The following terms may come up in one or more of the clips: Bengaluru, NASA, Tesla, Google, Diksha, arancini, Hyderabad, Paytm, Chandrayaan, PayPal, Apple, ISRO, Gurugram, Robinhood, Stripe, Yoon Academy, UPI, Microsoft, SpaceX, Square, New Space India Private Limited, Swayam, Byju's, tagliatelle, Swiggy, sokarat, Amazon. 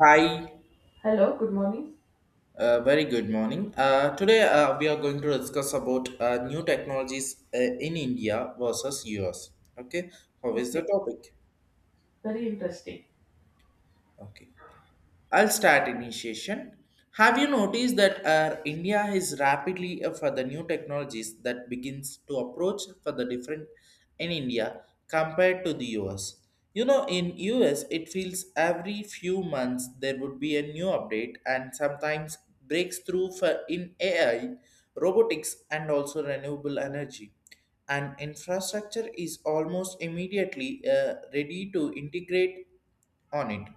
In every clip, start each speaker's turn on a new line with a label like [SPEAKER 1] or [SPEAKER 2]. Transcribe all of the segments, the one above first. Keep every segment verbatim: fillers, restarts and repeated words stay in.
[SPEAKER 1] Hi,
[SPEAKER 2] Hello, good morning.
[SPEAKER 1] uh, very good morning. Uh, today uh, we are going to discuss about uh, new technologies uh, in India versus U S. Okay, how is
[SPEAKER 2] Okay,
[SPEAKER 1] the topic?
[SPEAKER 2] very interesting.
[SPEAKER 1] Okay, I'll start initiation. Have you noticed that uh, India is rapidly uh, for the new technologies that begins to approach for the different in India compared to the U S? You know, in U S, it feels every few months there would be a new update and sometimes breakthrough for in A I, robotics, and also renewable energy and infrastructure is almost immediately uh, ready to integrate on it.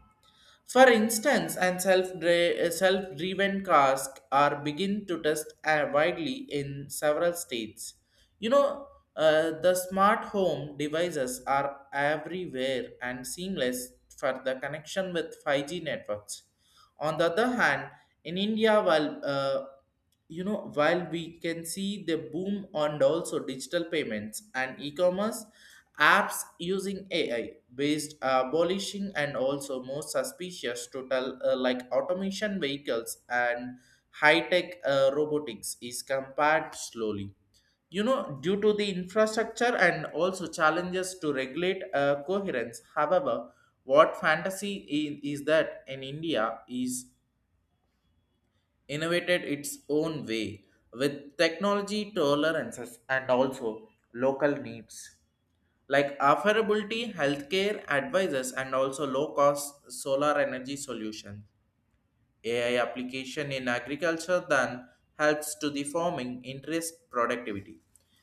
[SPEAKER 1] For instance, and self-dri- self-driven cars are begin to test uh, widely in several states. You know, uh, the smart home devices are everywhere and seamless for the connection with five G networks. On the other hand, in India, while uh, you know while we can see the boom on also digital payments and e-commerce apps using ai based abolishing and also more suspicious total uh, like automation vehicles and high-tech uh, robotics is compared slowly you know due to the infrastructure and also challenges to regulate uh, coherence. However, what fantasy i- is that in India is innovated its own way with technology tolerances and also local needs like affordability healthcare advisors and also low cost solar energy solutions. A I application in agriculture then helps to the farming interest productivity.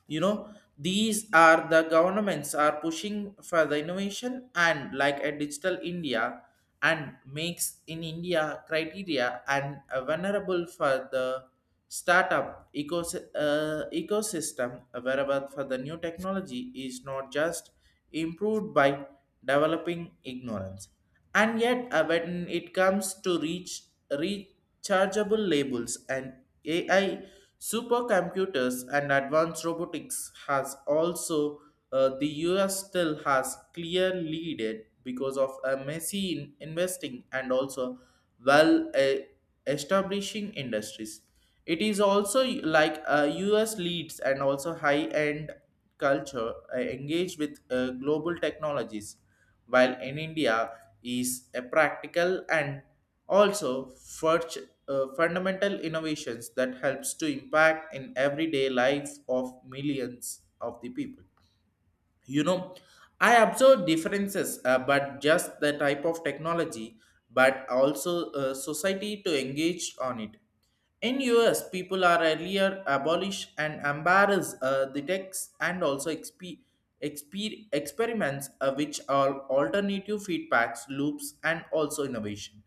[SPEAKER 1] You know, these are the governments are pushing for the innovation and like a digital India and makes in India criteria and uh, vulnerable for the startup ecos- uh, ecosystem wherever for the new technology is not just improved by developing ignorance. And yet uh, when it comes to reach rechargeable labels and ai supercomputers and advanced robotics has also uh, the US still has clear lead because of a messy in- investing and also well uh, establishing industries. It is also like uh, US leads and also high end culture uh, engaged with uh, global technologies, while in India is a practical and also furt- uh, fundamental innovations that helps to impact in everyday life of millions of the people. You know, I observe differences uh, but just the type of technology, but also uh, society to engage on it. In US people are earlier abolish and embarrass uh, the texts and also exp- exper- experiments uh, which are alternative feedbacks loops and also innovation.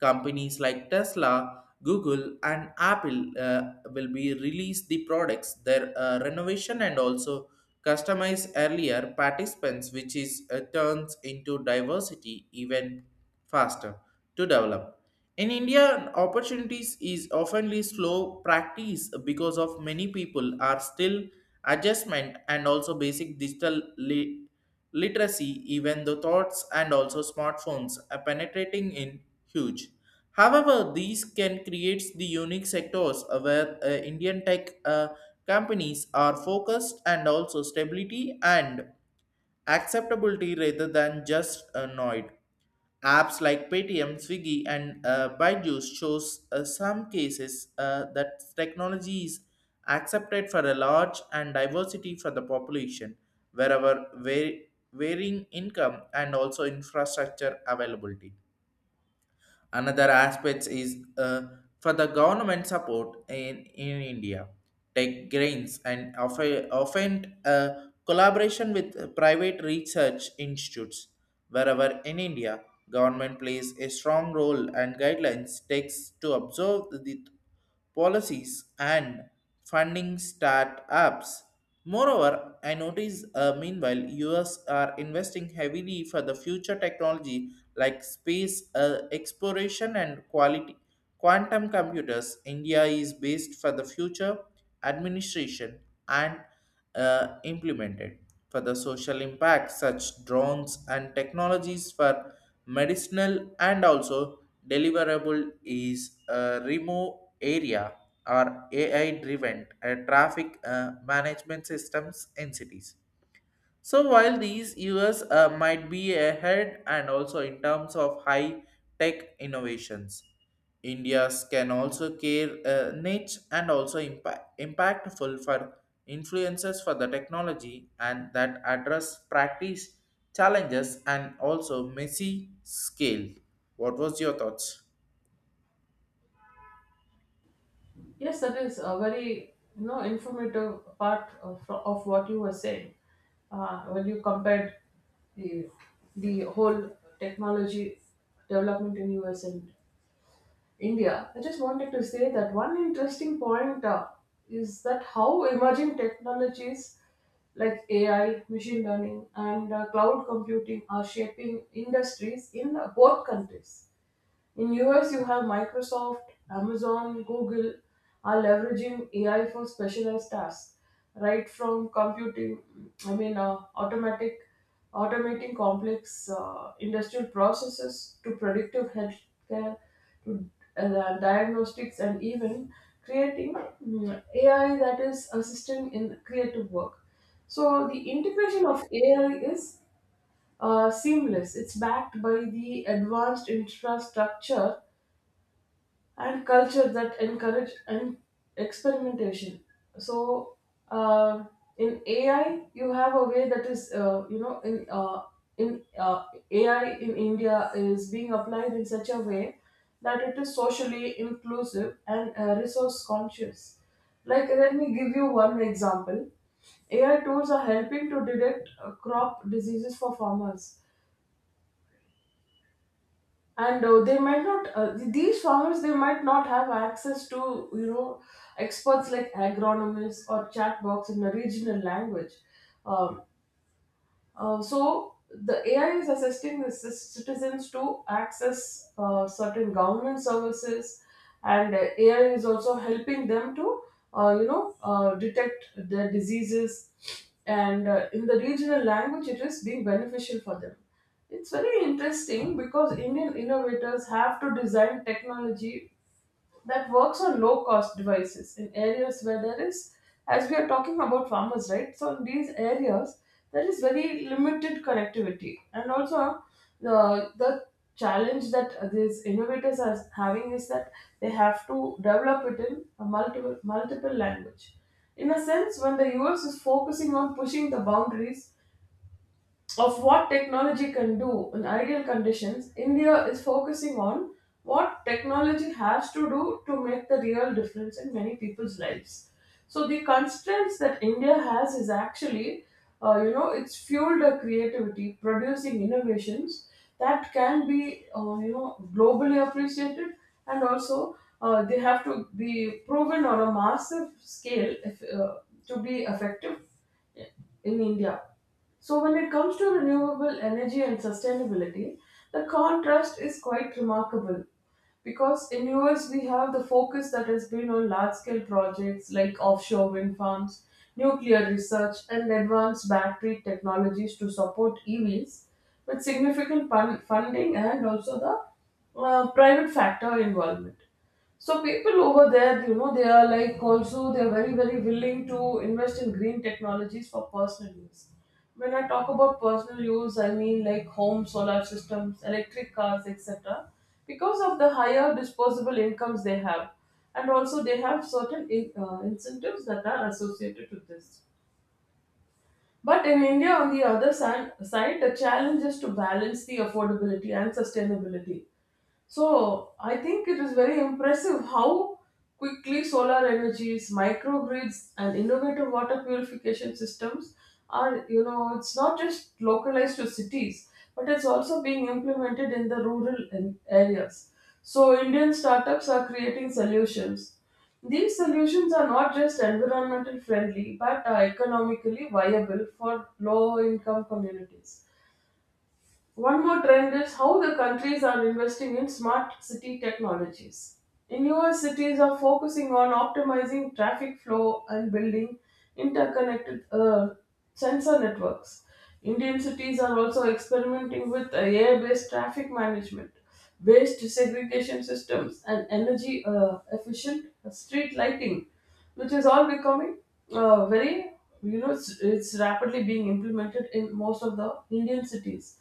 [SPEAKER 1] Companies like Tesla, Google, and Apple uh, will be release the products, their uh, renovation, and also customize earlier participants, which is uh, turns into diversity even faster to develop. In India, opportunities is oftenly slow practice because of many people are still adjustment and also basic digital li- literacy, even though thoughts and also smartphones are penetrating in huge. However, these can create the unique sectors uh, where uh, Indian tech uh, companies are focused and also stability and acceptability rather than just annoyed. Apps like Paytm, Swiggy, and uh, Byju's shows uh, some cases uh, that technology is accepted for a large and diversity for the population, wherever var- varying income and also infrastructure availability. Another aspect is uh, for the government support in, in India. Tech grains and often, often uh, collaboration with private research institutes. Wherever in India, government plays a strong role and guidelines takes to observe the policies and funding startups. Moreover, I notice uh, meanwhile U S are investing heavily for the future technology like space uh, exploration and quality quantum computers. India is based for the future administration and uh, implemented. For the social impact, such drones and technologies for medicinal and also deliverable is uh, remote area or A I driven traffic uh, management systems in cities. So while these years uh, might be ahead and also in terms of high tech innovations, India's can also care uh, niche and also impact, impactful for influences for the technology and that address practice challenges and also messy scale. What was your thoughts?
[SPEAKER 2] Yes, that is a very you know informative part of, of what you were saying uh, when you compared the the whole technology development in U S and India. I just wanted to say that one interesting point uh, is that how emerging technologies like A I, machine learning, and uh, cloud computing are shaping industries in both countries. In U S, you have Microsoft, Amazon, Google are leveraging A I for specialized tasks, right from computing, I mean, uh, automatic, automating complex uh, industrial processes to predictive healthcare to uh, diagnostics and even creating mm, A I that is assisting in creative work. So the integration of A I is uh, seamless. It's backed by the advanced infrastructure and culture that encourage and experimentation. So uh, in ai you have a way that is uh, you know in uh, in uh, AI in India is being applied in such a way that it is socially inclusive and uh, resource conscious. Like, let me give you one example. AI tools are helping to detect uh, crop diseases for farmers, and uh, they might not uh, these farmers, they might not have access to, you know, experts like agronomists or chat box in a regional language. um, uh, so the A I is assisting the cis- citizens to access uh, certain government services, and uh, A I is also helping them to, uh, you know, uh, detect their diseases. And uh, in the regional language, it is being beneficial for them. It's very interesting because Indian innovators have to design technology that works on low cost devices in areas where there is, as we are talking about farmers, right? So in these areas, there is very limited connectivity, and also the the challenge that these innovators are having is that they have to develop it in a multiple multiple language. In a sense, when the U S is focusing on pushing the boundaries of what technology can do in ideal conditions, India is focusing on what technology has to do to make the real difference in many people's lives. So the constraints that India has is actually, uh, you know, it's fueled our creativity, producing innovations that can be, uh, you know, globally appreciated, and also uh, they have to be proven on a massive scale if, uh, to be effective in India. So, when it comes to renewable energy and sustainability, the contrast is quite remarkable because in U S we have the focus that has been on large scale projects like offshore wind farms, nuclear research, and advanced battery technologies to support E Vs with significant fun- funding and also the uh, private factor involvement. So people over there, you know, they are like also they are very very willing to invest in green technologies for personal use. When I talk about personal use, I mean like home solar systems, electric cars, et cetera. Because of the higher disposable incomes they have, and also they have certain in, uh, incentives that are associated with this. But in India, on the other san- side, the challenge is to balance the affordability and sustainability. So I think it is very impressive how quickly solar energies, microgrids, and innovative water purification systems are, you know, it's not just localized to cities, but it's also being implemented in the rural an- areas. So Indian startups are creating solutions. These solutions are not just environmental friendly, but are economically viable for low income communities. One more trend is how the countries are investing in smart city technologies. In U S cities are focusing on optimizing traffic flow and building interconnected uh, sensor networks. Indian cities are also experimenting with A I-based traffic management, waste segregation systems, and energy uh, efficient street lighting, which is all becoming uh, very, you know it's, it's rapidly being implemented in most of the Indian cities,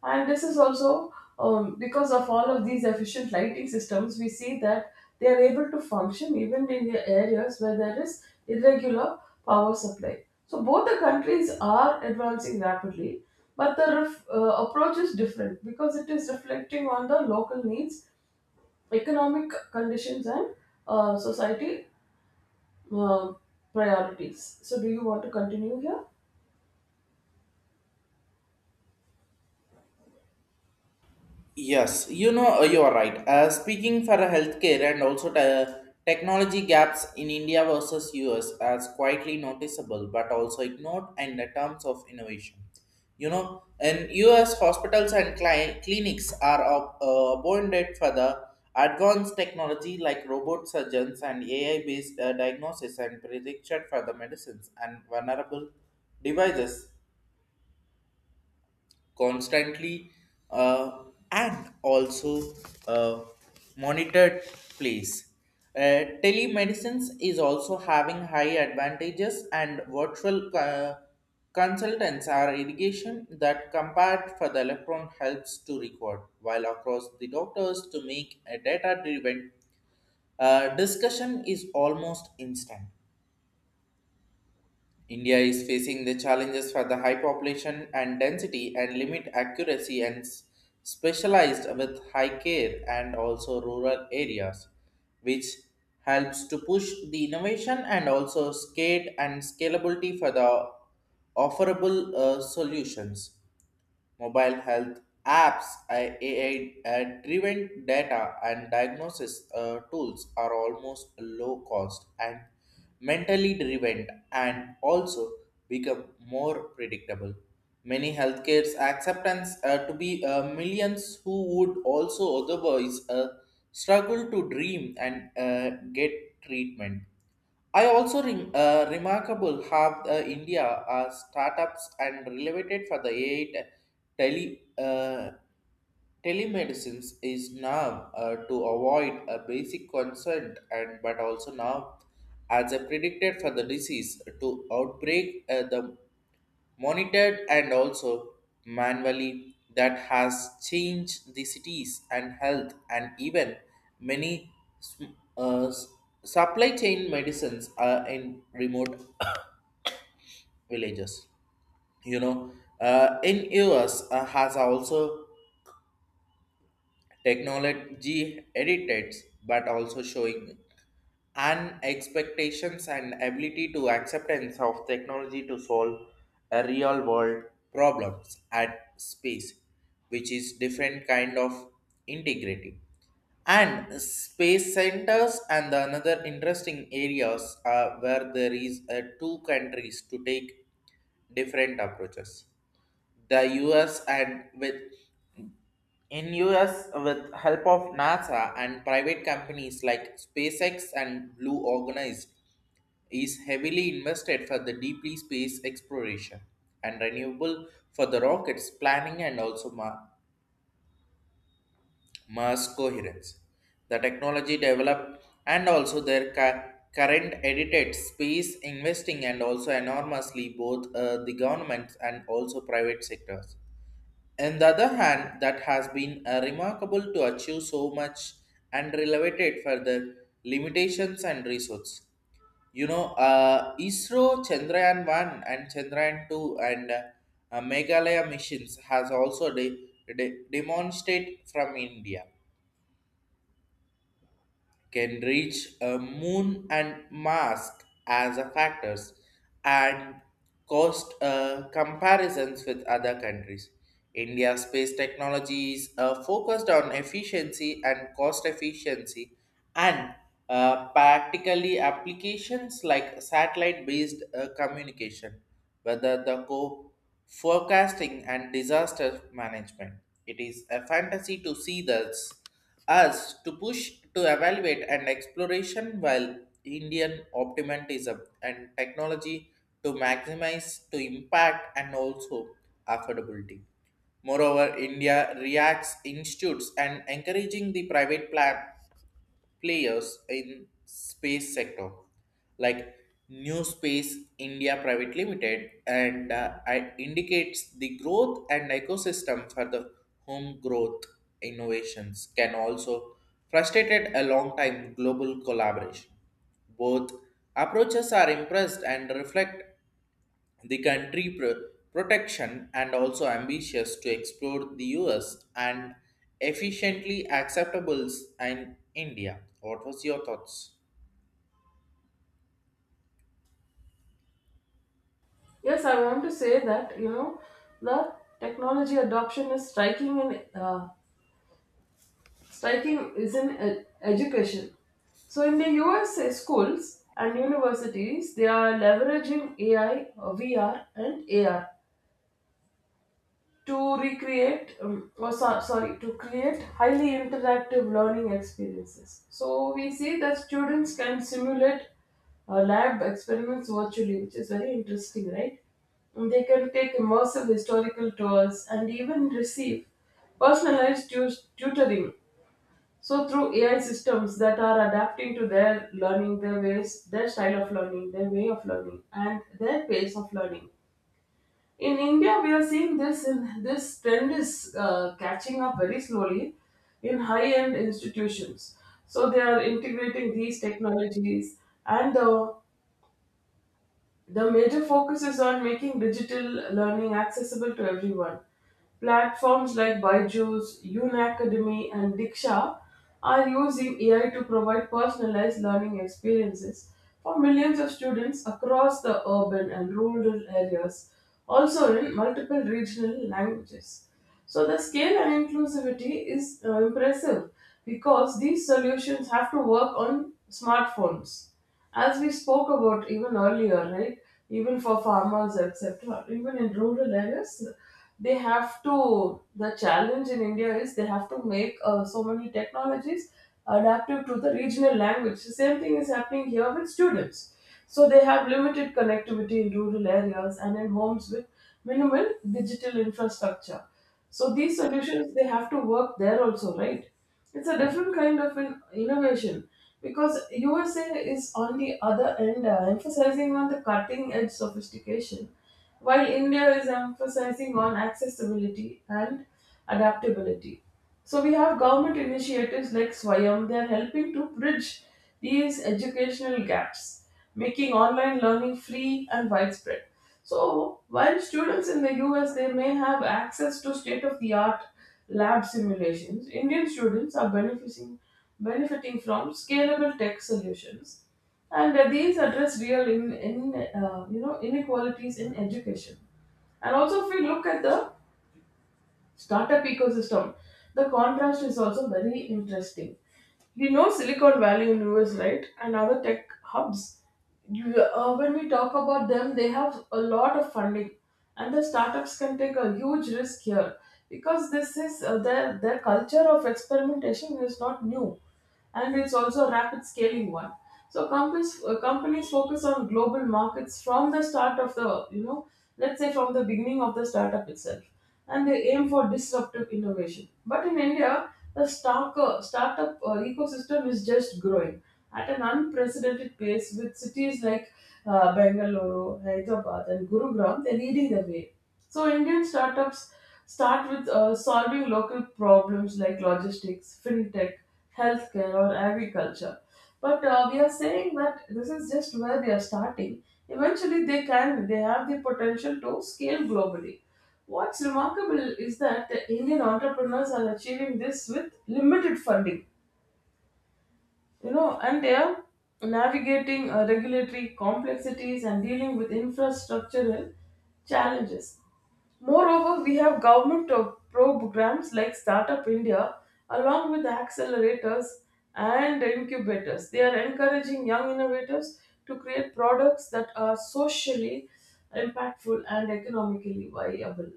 [SPEAKER 2] and this is also um, because of all of these efficient lighting systems, we see that they are able to function even in the areas where there is irregular power supply. So both the countries are advancing rapidly, but the ref- uh, approach is different because it is reflecting on the local needs, economic conditions, and uh, society uh, priorities. So, do you want to continue here?
[SPEAKER 1] Yes, you know, uh, you are right. Uh, speaking for healthcare and also the technology gaps in India versus U S as quietly noticeable but also ignored in the terms of innovation. You know, in U S hospitals and cli- clinics are up, uh, abundant for the advanced technology like robot surgeons and A I-based uh, diagnosis and prediction for the medicines and vulnerable devices constantly, uh, and also uh, monitored place. Uh, telemedicine is also having high advantages and virtual uh, consultants are irrigation that compared for the electron helps to record while across the doctors to make a data driven uh, discussion is almost instant. India is facing the challenges for the high population and density and limit accuracy and s- specialized with high care and also rural areas, which helps to push the innovation and also scale and scalability for the offerable uh, solutions. Mobile health apps, I- A I uh, driven data, and diagnosis uh, tools are almost low cost and mentally driven and also become more predictable. Many healthcare's acceptance uh, to be uh, millions who would also otherwise uh, struggle to dream and uh, get treatment. I also re- uh, remarkable how uh, India uh, startups and related for the A I te- tele uh, telemedicines is now uh, to avoid a basic concern and but also now as a predicted for the disease to outbreak uh, the monitored and also manually that has changed the cities and health and even many sm- uh, s- supply chain medicines are in remote villages. You know, uh, in US uh, has also technology edits but also showing and expectations and ability to acceptance of technology to solve a real world problems at space, which is different kind of integrating and space centers. And the another interesting areas are where there is uh, two countries to take different approaches. The US and with in US with help of NASA and private companies like SpaceX and blue organized is heavily invested for the deeply space exploration and renewable for the rockets planning and also ma- Mars coherence. The technology developed and also their cu- current edited space investing and also enormously both uh, the governments and also private sectors. On the other hand, that has been uh, remarkable to achieve so much and related for the limitations and resources. You know, uh, ISRO Chandrayaan one and Chandrayaan two and uh, uh, Meghalaya missions has also de- de- demonstrate from India can reach a moon and mask as a factors and cost uh, comparisons with other countries. India's space technology is uh, focused on efficiency and cost efficiency and uh, practically applications like satellite-based uh, communication, whether the co forecasting and disaster management. It is a fantasy to see this US to push to evaluate and exploration while Indian optimism and technology to maximize to impact and also affordability. Moreover, India reacts institutes and encouraging the private plan players in space sector like New Space India Private Limited, and uh, it indicates the growth and ecosystem for the home growth innovations can also frustrated a long time global collaboration. Both approaches are impressed and reflect the country pro- protection and also ambitious to explore the U S and efficiently acceptables in India. What was your thoughts?
[SPEAKER 2] Yes, I want to say that, you know, the technology adoption is striking in uh, striking is in ed- education. So in the U S A schools and universities, they are leveraging A I, uh, V R, and A R to recreate um, or so, sorry to create highly interactive learning experiences. So we see that students can simulate uh, lab experiments virtually, which is very interesting, right? And they can take immersive historical tours and even receive personalized tu- tutoring, so through AI systems that are adapting to their learning their ways their style of learning, their way of learning, and their pace of learning. In India, we are seeing this, in this trend is uh, catching up very slowly in high-end institutions. So they are integrating these technologies, and uh, the major focus is on making digital learning accessible to everyone. Platforms like Byju's, Yoon Academy, and Diksha are using A I to provide personalized learning experiences for millions of students across the urban and rural areas, also in multiple regional languages. So, the scale and inclusivity is uh, impressive because these solutions have to work on smartphones, as we spoke about even earlier, right? Even for farmers, et cetera, even in rural areas, they have to. The challenge in India is they have to make uh, so many technologies adaptive to the regional language. The same thing is happening here with students. So they have limited connectivity in rural areas and in homes with minimal digital infrastructure. So these solutions they have to work there also, right? It's a different kind of an innovation because U S A is on the other end uh, emphasizing on the cutting edge sophistication, while India is emphasizing on accessibility and adaptability. So we have government initiatives like Swayam, they are helping to bridge these educational gaps, making online learning free and widespread. So, while students in the U S they may have access to state-of-the-art lab simulations, Indian students are benefiting benefiting from scalable tech solutions, and uh, these address real in, in uh, you know, inequalities in education. And also, if we look at the startup ecosystem, the contrast is also very interesting. You know, silicon valley in US, right, and other tech hubs, you, uh, when we talk about them, they have a lot of funding, and the startups can take a huge risk here because this is, uh, their their culture of experimentation is not new, and it's also a rapid scaling one. So companies uh, companies focus on global markets from the start of the you know let's say from the beginning of the startup itself, and they aim for disruptive innovation. But in India, the stark, uh, startup uh, ecosystem is just growing at an unprecedented pace, with cities like uh, Bengaluru, Hyderabad, and Gurugram, they're leading the way. So Indian startups start with uh, solving local problems like logistics, fintech, healthcare, or agriculture. But uh, we are saying that this is just where they are starting. Eventually, they can they have the potential to scale globally. What's remarkable is that the Indian entrepreneurs are achieving this with limited funding, you know, and they are navigating uh, regulatory complexities and dealing with infrastructural challenges. Moreover, we have government of programs like startup india along with accelerators and incubators, they are encouraging young innovators to create products that are socially impactful and economically viable.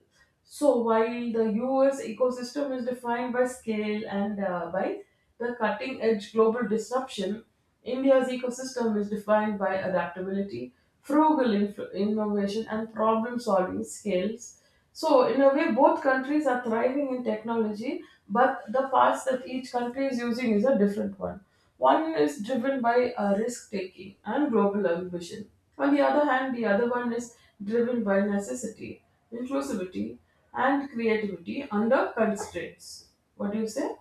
[SPEAKER 2] So while the U S ecosystem is defined by scale and, uh, by the cutting edge global disruption, India's ecosystem is defined by adaptability, frugal inf- innovation, and problem solving skills. So, in a way, both countries are thriving in technology, but the path that each country is using is a different one. One is driven by uh, risk taking and global ambition. On the other hand, the other one is driven by necessity, inclusivity, and creativity under constraints. What do you say?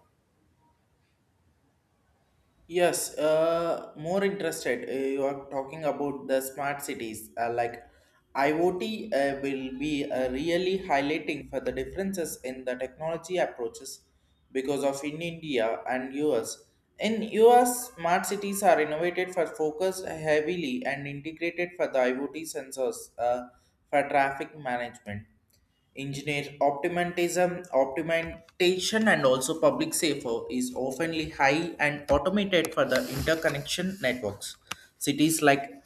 [SPEAKER 1] Yes, uh, more interested. Uh, you are talking about the smart cities. Uh, like I O T uh, will be uh, really highlighting for the differences in the technology approaches because of in India and U S. In U S, smart cities are innovated for focused heavily and integrated for the IoT sensors uh, for traffic management. Engineer optimism, optimization, and also public safety is often high and automated for the interconnection networks. Cities like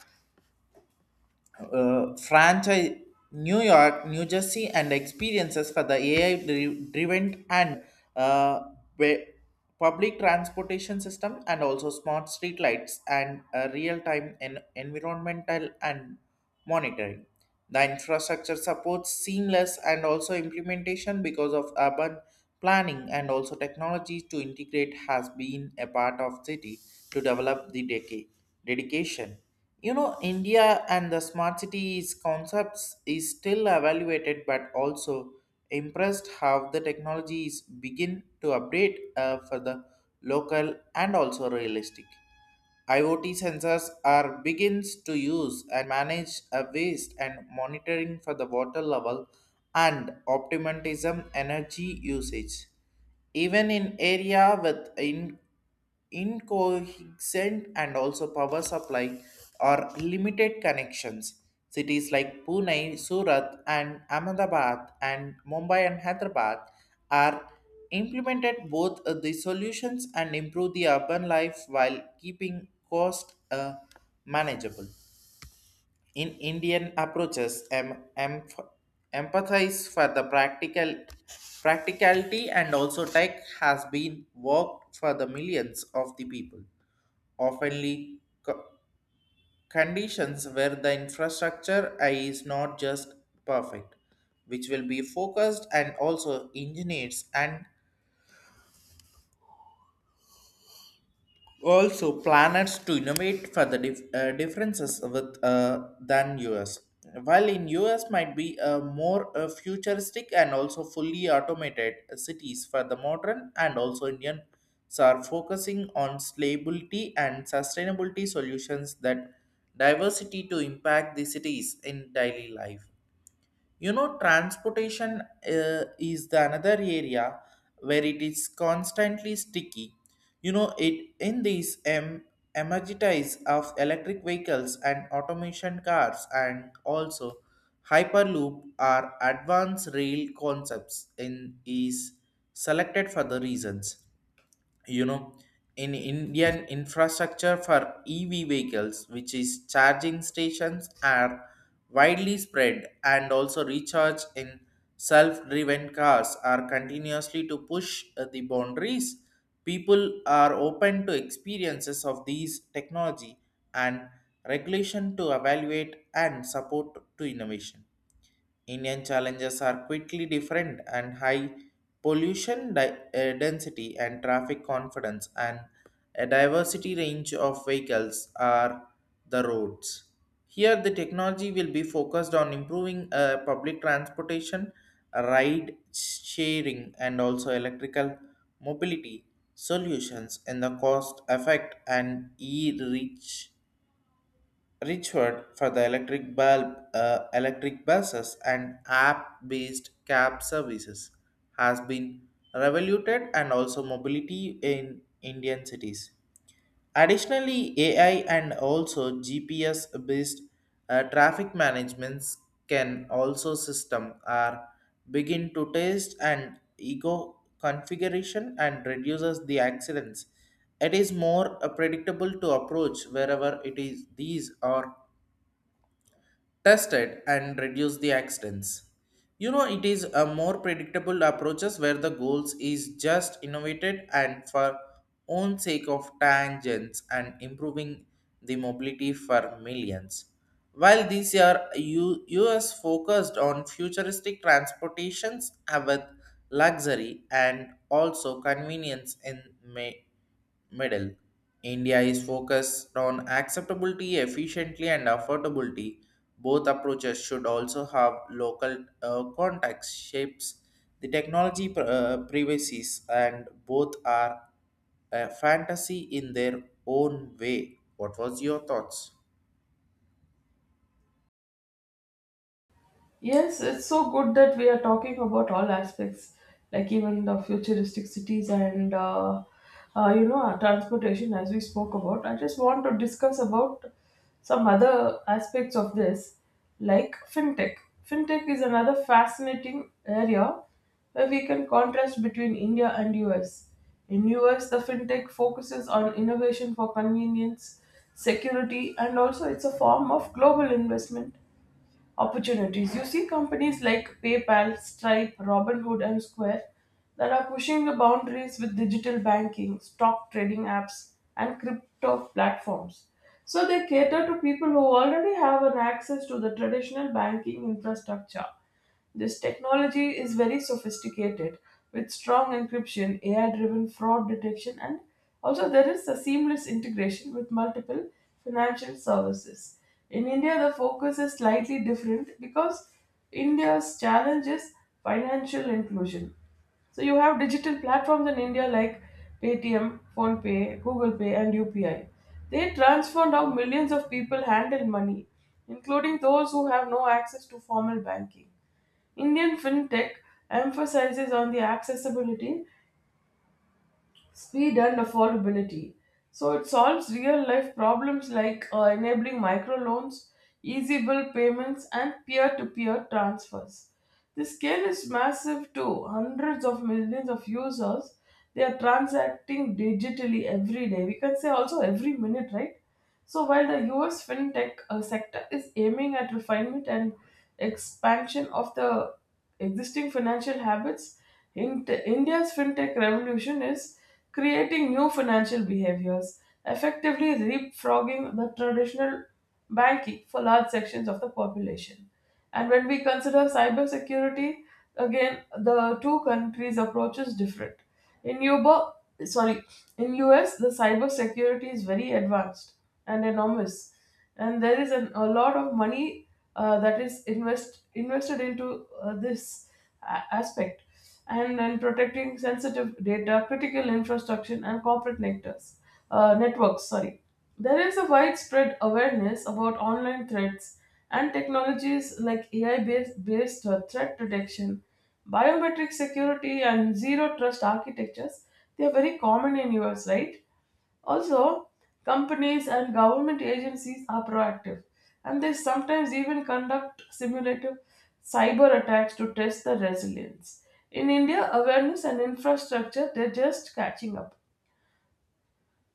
[SPEAKER 1] uh, franchise New York, New Jersey, and experiences for the A I-driven and uh, wa- public transportation system, and also smart street lights and uh, real-time en- environmental and monitoring. The infrastructure supports seamless and also implementation because of urban planning and also technology to integrate has been a part of city to develop the decay dedication. You know, India and the smart cities concepts is still evaluated, but also impressed how the technologies begin to update uh, for the local and also realistic. IoT sensors are begins to use and manage a waste and monitoring for the water level and optimism energy usage. Even in area with in, incoherent and also power supply or limited connections, cities like Pune, Surat and Ahmedabad and Mumbai and Hyderabad are implemented both uh, the solutions and improve the urban life while keeping cost uh, manageable. In Indian approaches, em- em- empathize for the practical practicality and also tech has been worked for the millions of the people. Oftenly, co- conditions where the infrastructure is not just perfect, which will be focused and also engineers and also planets to innovate for the dif- uh, differences with uh, than US, while in US might be uh, more uh, futuristic and also fully automated cities for the modern and also Indians are focusing on stability and sustainability solutions that diversity to impact the cities in daily life. You know, transportation uh, is the another area where it is constantly sticky. You know, it in these um, emergitize of electric vehicles and automation cars and also hyperloop are advanced rail concepts in is selected for the reasons. You know, in Indian infrastructure for E V vehicles, which is charging stations are widely spread and also recharge in self-driven cars are continuously to push uh, the boundaries. People are open to experiences of these technology and regulation to evaluate and support to innovation. Indian challenges are quickly different and high pollution di- uh, density and traffic confidence and a diversity range of vehicles are the roads. Here, the technology will be focused on improving uh, public transportation, ride sharing, and also electrical mobility solutions in the cost effect and e-reach Richard for the electric bulb, uh, electric buses, and app-based cab services has been revoluted and also mobility in Indian cities. Additionally, A I and also G P S-based uh, traffic managements can also system are begin to test and ego configuration and reduces the accidents. It is more uh, predictable to approach wherever it is these are tested and reduce the accidents. You know, it is a more predictable approaches where the goals is just innovated and for own sake of tangents and improving the mobility for millions. While this year U- US focused on futuristic transportations uh, with luxury and also convenience in May middle. India is focused on acceptability, efficiency, and affordability. Both approaches should also have local uh, context shapes. The technology pr- uh, privacies and both are a fantasy in their own way. What was your thoughts?
[SPEAKER 2] Yes, it's so good that we are talking about all aspects, like even the futuristic cities and uh, uh, you know, our transportation, as we spoke about. I just want to discuss about some other aspects of this, like fintech. Fintech is another fascinating area where we can contrast between India and U S. In U S, the fintech focuses on innovation for convenience, security, and also it's a form of global investment opportunities. You see companies like PayPal, Stripe, Robinhood, and Square that are pushing the boundaries with digital banking, stock trading apps, and crypto platforms. So they cater to people who already have an access to the traditional banking infrastructure. This technology is very sophisticated with strong encryption, A I driven fraud detection, and also there is a seamless integration with multiple financial services. In India, the focus is slightly different because India's challenge is financial inclusion. So you have digital platforms in India like Paytm, PhonePe, Google Pay, and U P I. They transformed how millions of people handle money, including those who have no access to formal banking. Indian fintech emphasizes on the accessibility, speed, and affordability. So it solves real life problems like uh, enabling microloans, easy bill payments, and peer to peer transfers. The scale is massive too. Hundreds of millions of users. They are transacting digitally every day. We can say also every minute, right? So while the U S fintech uh, sector is aiming at refinement and expansion of the existing financial habits, in India's fintech revolution is creating new financial behaviors, effectively leapfrogging the traditional banking for large sections of the population. And when we consider cybersecurity, again the two countries' approach is different. In Yuba, sorry, in U S, the cybersecurity is very advanced and enormous, and there is an, a lot of money uh, that is invest invested into uh, this a- aspect, and then protecting sensitive data, critical infrastructure, and corporate networks. Uh, networks, sorry. There is a widespread awareness about online threats and technologies like A I based, based uh, threat detection, biometric security, and zero trust architectures, they are very common in U S, right? Also, companies and government agencies are proactive, and they sometimes even conduct simulative cyber attacks to test the resilience. In India, awareness and infrastructure, they're just catching up.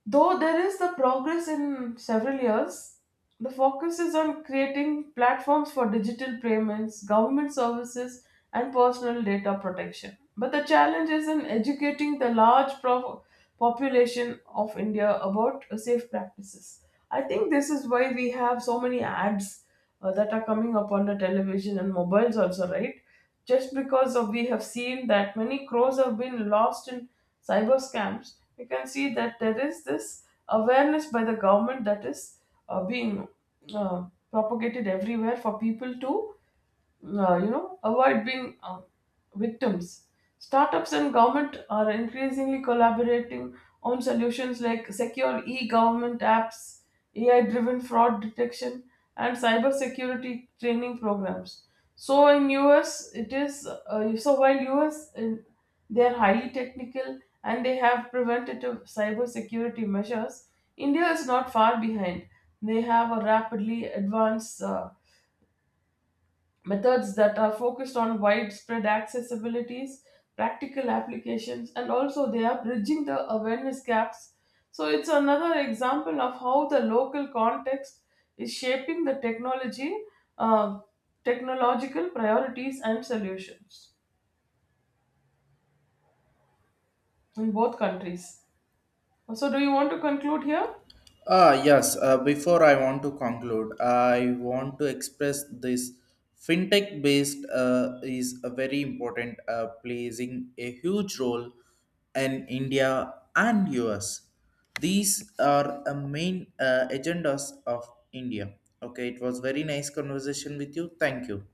[SPEAKER 2] Though there is the progress in several years, the focus is on creating platforms for digital payments, government services, and personal data protection. But the challenge is in educating the large pro- population of India about uh, safe practices. I think this is why we have so many ads uh, that are coming up on the television and mobiles also, right? Just because of we have seen that many crores have been lost in cyber scams, we can see that there is this awareness by the government that is uh, being uh, propagated everywhere for people to, uh, you know, avoid being, uh, victims. Startups and government are increasingly collaborating on solutions like secure e-government apps, A I-driven fraud detection, and cybersecurity training programs. So in U S, it is uh, so while U S in, they are highly technical and they have preventative cybersecurity measures. India is not far behind. They have a rapidly advanced uh, methods that are focused on widespread accessibilities, practical applications, and also they are bridging the awareness gaps. So it's another example of how the local context is shaping the technology, uh, technological priorities and solutions in both countries. So do you want to conclude here?
[SPEAKER 1] Ah, yes. Uh, before I want to conclude, I want to express this fintech based uh, is a very important, uh, playing a huge role in India and U S. These are a main uh, agendas of India. Okay, it was very nice conversation with you. Thank you.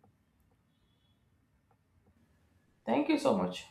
[SPEAKER 2] Thank you so much.